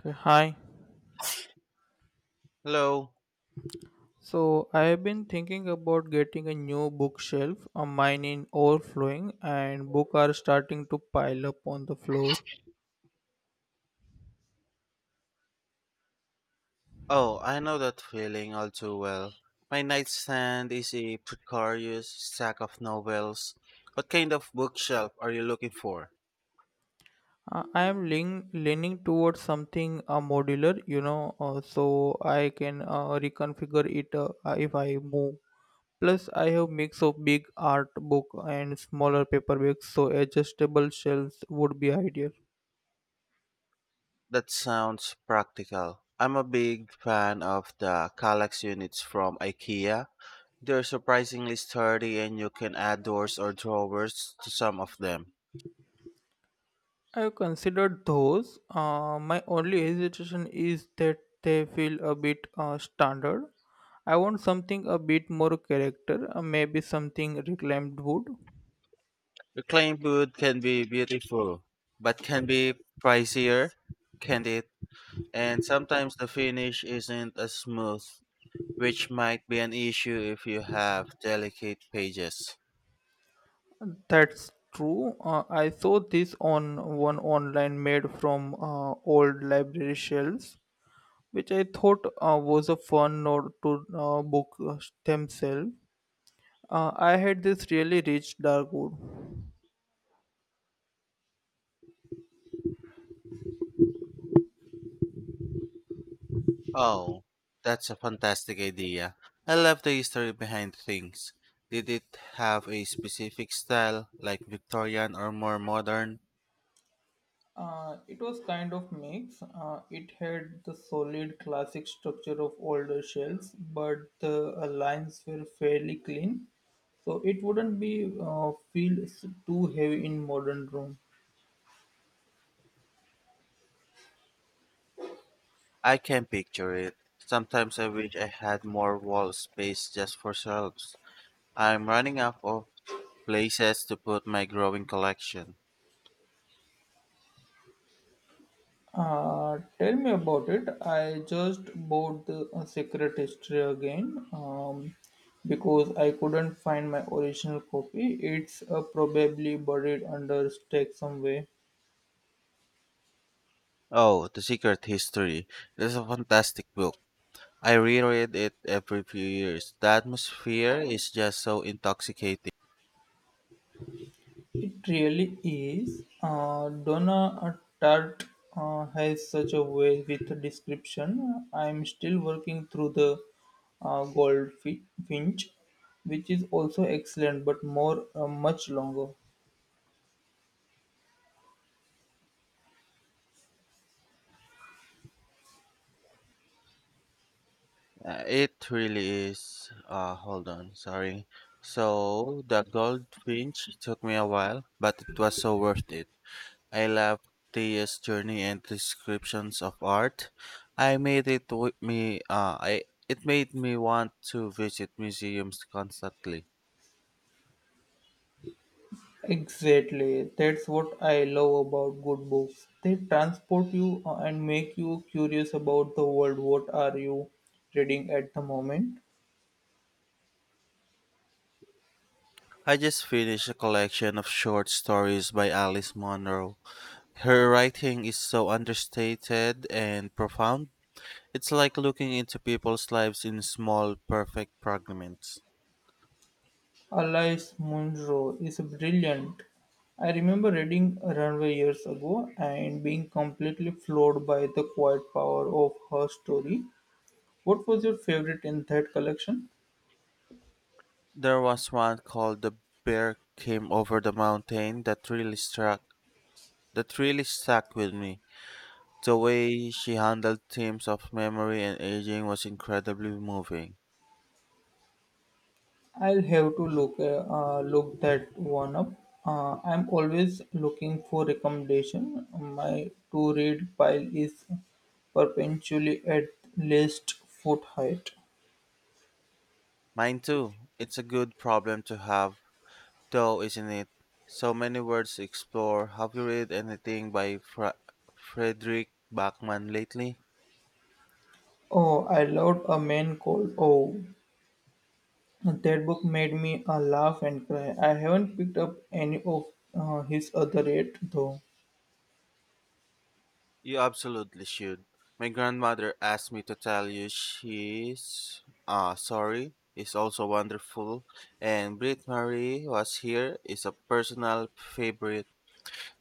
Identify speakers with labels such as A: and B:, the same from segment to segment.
A: Okay, hi.
B: Hello.
A: So I have been thinking about getting a new bookshelf. Mine is overflowing, and books are starting to pile up on the floor.
B: Oh, I know that feeling all too well. My nightstand is a precarious stack of novels. What kind of bookshelf are you looking for?
A: I am leaning towards something modular, you know, so I can reconfigure it if I move. Plus, I have mix of big art book and smaller paperbacks, so adjustable shelves would be ideal.
B: That sounds practical. I'm a big fan of the Kallax units from IKEA. They're surprisingly sturdy and you can add doors or drawers to some of them.
A: I've considered those. My only hesitation is that they feel a bit standard. I want something a bit more character, maybe something reclaimed wood.
B: Reclaimed wood can be beautiful, but can be pricier, can't it? And sometimes the finish isn't as smooth which might be an issue if you have delicate pages.
A: That's true. I saw this on one online made from old library shelves, which I thought was a fun note to book themselves. I had this really rich dark wood.
B: Oh, that's a fantastic idea. I love the history behind things. Did it have a specific style, like Victorian or more modern?
A: It was kind of mix. It had the solid classic structure of older shells, but the lines were fairly clean, so it wouldn't be feel too heavy in modern room.
B: I can picture it. Sometimes I wish I had more wall space just for shelves. I'm running out of places to put my growing collection.
A: Tell me about it. I just bought the Secret History again because I couldn't find my original copy. It's probably buried under stack somewhere.
B: Oh, The Secret History. It is a fantastic book. I reread it every few years. The atmosphere is just so intoxicating.
A: It really is. Donna Tart has such a way with description. I'm still working through the Goldfinch, which is also excellent, but more much longer.
B: It really is. Hold on, sorry. So, The Goldfinch took me a while, but it was so worth it. I loved Thea's journey and descriptions of art. I made it with me. I it made me want to visit museums constantly.
A: Exactly. That's what I love about good books. They transport you and make you curious about the world. What are you reading at the moment?
B: I just finished a collection of short stories by Alice Munro. Her writing is so understated and profound. It's like looking into people's lives in small, perfect fragments.
A: Alice Munro is brilliant. I remember reading Runway years ago and being completely floored by the quiet power of her story. What was your favorite in that collection?
B: There was one called The Bear Came Over the Mountain that really struck that really stuck with me. The way she handled themes of memory and aging was incredibly moving.
A: I'll have to look look that one up. I'm always looking for recommendation. My to read pile is perpetually at least foot height.
B: Mine too. It's a good problem to have though, isn't it? So many words to explore. Have you read anything by Frederick Bachman lately?
A: Oh, I loved a man called O. That book made me laugh and cry. I haven't picked up any of his other yet, though.
B: You absolutely should. My grandmother asked me to tell you she's sorry is also wonderful and Brit Marie was here is a personal favorite.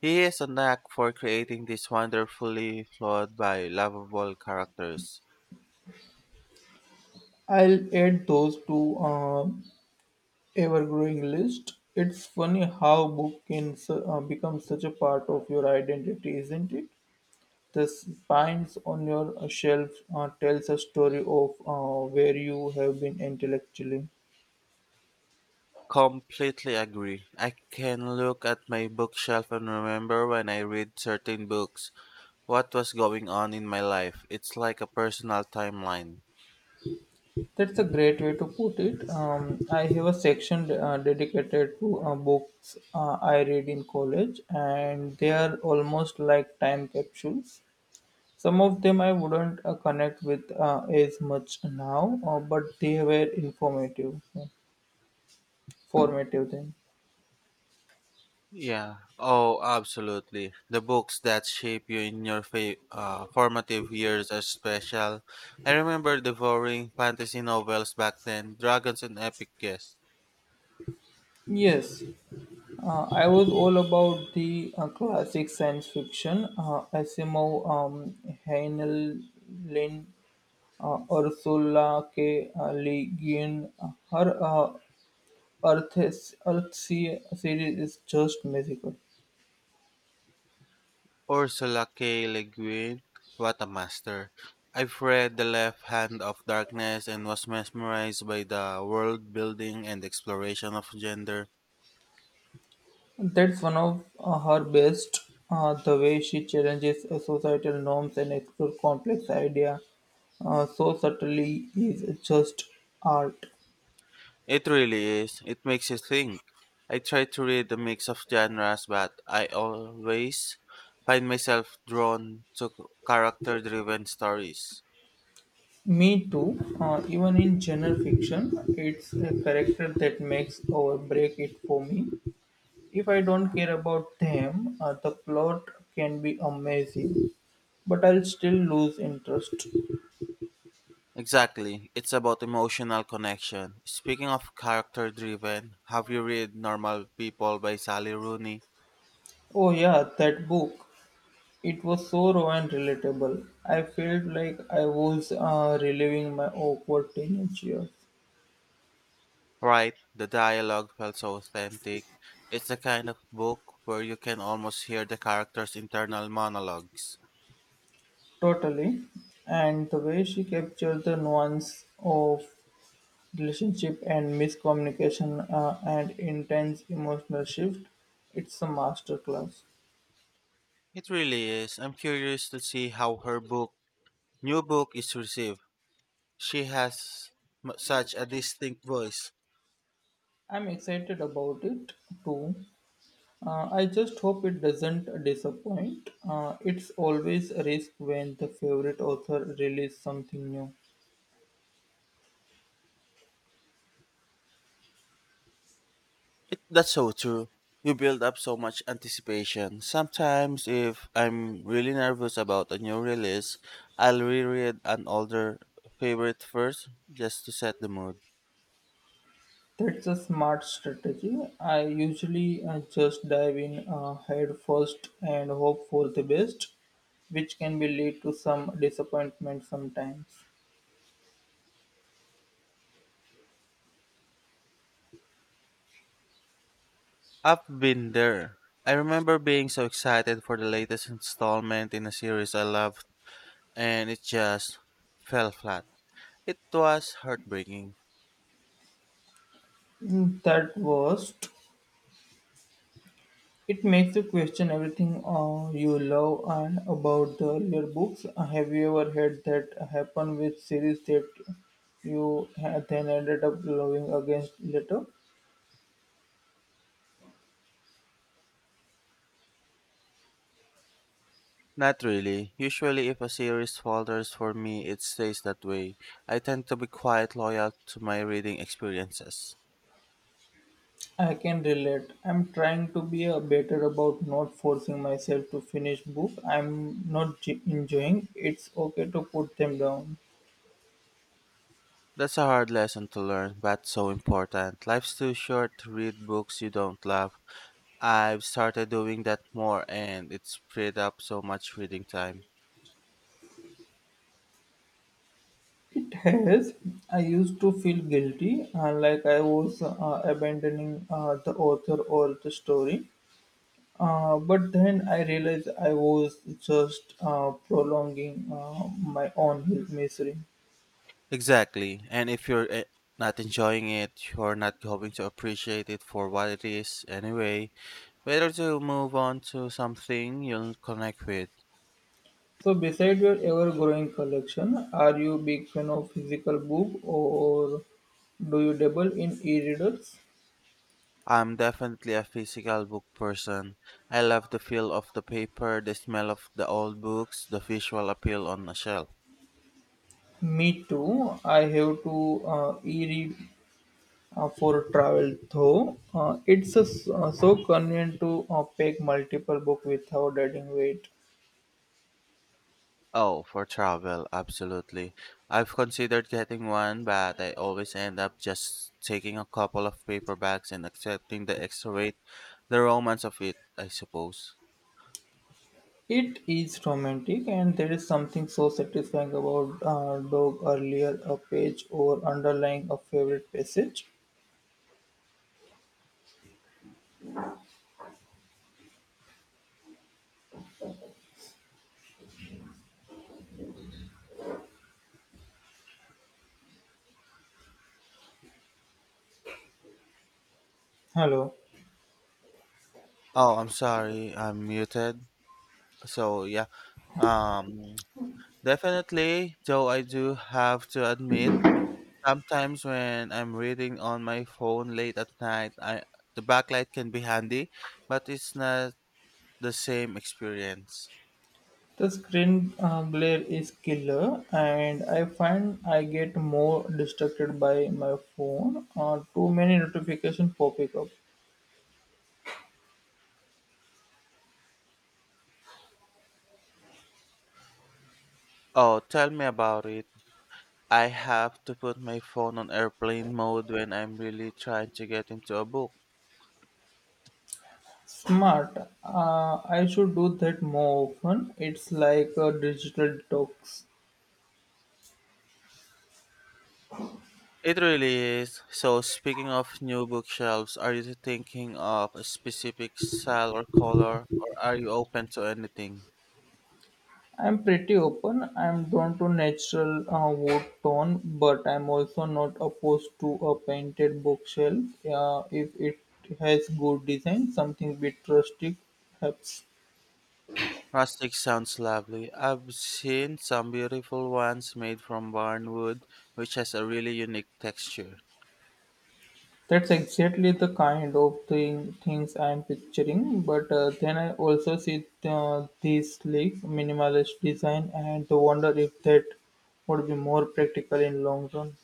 B: He has a knack for creating these wonderfully flawed by lovable characters.
A: I'll add those to ever-growing list. It's funny how book can become such a part of your identity, isn't it? The spines on your shelf tells a story of where you have been intellectually.
B: Completely agree. I can look at my bookshelf and remember when I read certain books, what was going on in my life. It's like a personal timeline.
A: That's a great way to put it. I have a section dedicated to books I read in college, and they are almost like time capsules. Some of them I wouldn't connect with as much now, but they were formative then.
B: Yeah. Oh, absolutely. The books that shape you in your formative years are special. I remember devouring fantasy novels back then, dragons and epic guests.
A: Yes, I was all about the classic science fiction, Asimov, Heinlein, Ursula K. Le Guin, her Earth Sea series is just magical.
B: Ursula K. Le Guin, what a master. I've read The Left Hand of Darkness and was mesmerized by the world building and exploration of gender.
A: That's one of her best. The way she challenges societal norms and explores complex ideas so subtly is just art.
B: It really is. It makes you think. I try to read a mix of genres, but I always find myself drawn to character driven stories.
A: Me too. Even in general fiction, it's a character that makes or break it for me. If I don't care about them, the plot can be amazing, but I'll still lose interest.
B: Exactly. It's about emotional connection. Speaking of character driven, have you read Normal People by Sally Rooney?
A: Oh, yeah, that book. It was so raw and relatable. I felt like I was reliving my awkward teenage years.
B: Right, the dialogue felt so authentic. It's the kind of book where you can almost hear the characters' internal monologues.
A: Totally. And the way she captured the nuance of relationship and miscommunication and intense emotional shift, it's a masterclass.
B: It really is. I'm curious to see how new book, is received. She has such a distinct voice.
A: I'm excited about it too. I just hope it doesn't disappoint. It's always a risk when the favorite author releases something new.
B: That's so true. You build up so much anticipation. Sometimes, if I'm really nervous about a new release, I'll reread an older favorite first just to set the mood.
A: That's a smart strategy. I usually just dive in head first and hope for the best, which can be lead to some disappointment sometimes.
B: I've been there. I remember being so excited for the latest installment in a series I loved, and it just fell flat. It was heartbreaking.
A: In that worst, it makes you question everything you love and about the earlier books. Have you ever had that happen with series that you then ended up loving against later?
B: Not really. Usually, if a series falters for me, it stays that way. I tend to be quite loyal to my reading experiences.
A: I can relate. I'm trying to be a better about not forcing myself to finish book. I'm not enjoying. It's okay to put them down.
B: That's a hard lesson to learn, but so important. Life's too short to read books you don't love. I've started doing that more, and it's freed up so much reading time.
A: It has. I used to feel guilty, like I was abandoning the author or the story. But then I realized I was just prolonging my own health misery.
B: Exactly. And if you're not enjoying it, you're not going to appreciate it for what it is anyway. Better to move on to something you'll connect with.
A: So, beside your ever growing collection, are you a big fan of physical book or do you dabble in e readers?
B: I'm definitely a physical book person. I love the feel of the paper, the smell of the old books, the visual appeal on a shelf.
A: Me too. I have to e read for travel though. It's a so convenient to pack multiple books without adding weight.
B: Oh, for travel, absolutely. I've considered getting one, but I always end up just taking a couple of paper bags and accepting the extra weight, the romance of it, I suppose.
A: It is romantic, and there is something so satisfying about dog earlier a page or underlying a favorite passage. Hello.
B: Oh, I'm sorry, I'm muted. So, yeah, um, definitely, though I do have to admit, sometimes when I'm reading on my phone late at night, I the backlight can be handy, but it's not the same experience.
A: The screen glare is killer, and I find I get more distracted by my phone. Too many notifications popping up.
B: Oh, tell me about it. I have to put my phone on airplane mode when I'm really trying to get into a book.
A: Smart. I should do that more often. It's like a digital detox.
B: It really is. So, speaking of new bookshelves, are you thinking of a specific style or color, or are you open to anything?
A: I'm pretty open. I'm drawn to natural wood tone, but I'm also not opposed to a painted bookshelf if it has good design, something bit rustic helps.
B: Rustic sounds lovely. I've seen some beautiful ones made from barn wood, which has a really unique texture.
A: That's exactly the kind of thing things I'm picturing. But then I also see these sleek minimalist design and wonder if that would be more practical in long run.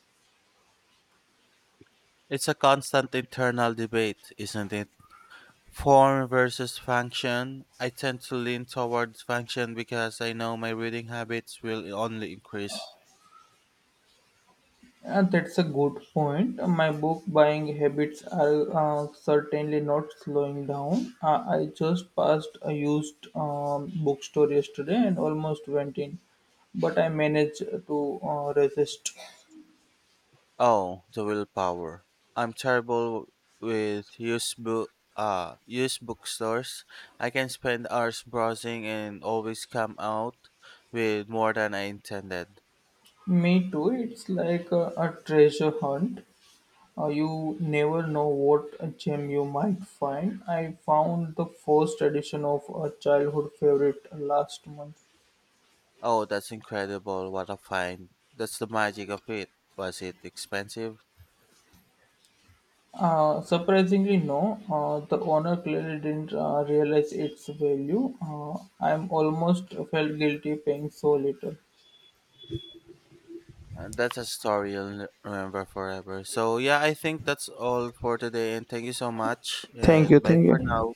B: It's a constant internal debate, isn't it? Form versus function. I tend to lean towards function because I know my reading habits will only increase.
A: That's a good point. My book buying habits are certainly not slowing down. I just passed a used bookstore yesterday and almost went in, but I managed to resist.
B: Oh, the willpower. I'm terrible with used bookstores. I can spend hours browsing and always come out with more than I intended.
A: Me too. It's like a treasure hunt. You never know what gem you might find. I found the first edition of a childhood favorite last month.
B: Oh, that's incredible. What a find. That's the magic of it. Was it expensive?
A: Surprisingly, no. The owner clearly didn't realize its value. I'm almost felt guilty paying so little.
B: That's a story you'll remember forever. So yeah, I think that's all for today and thank you so much
A: Thank you,
B: and bye
A: thank you,
B: for
A: thank.
B: now.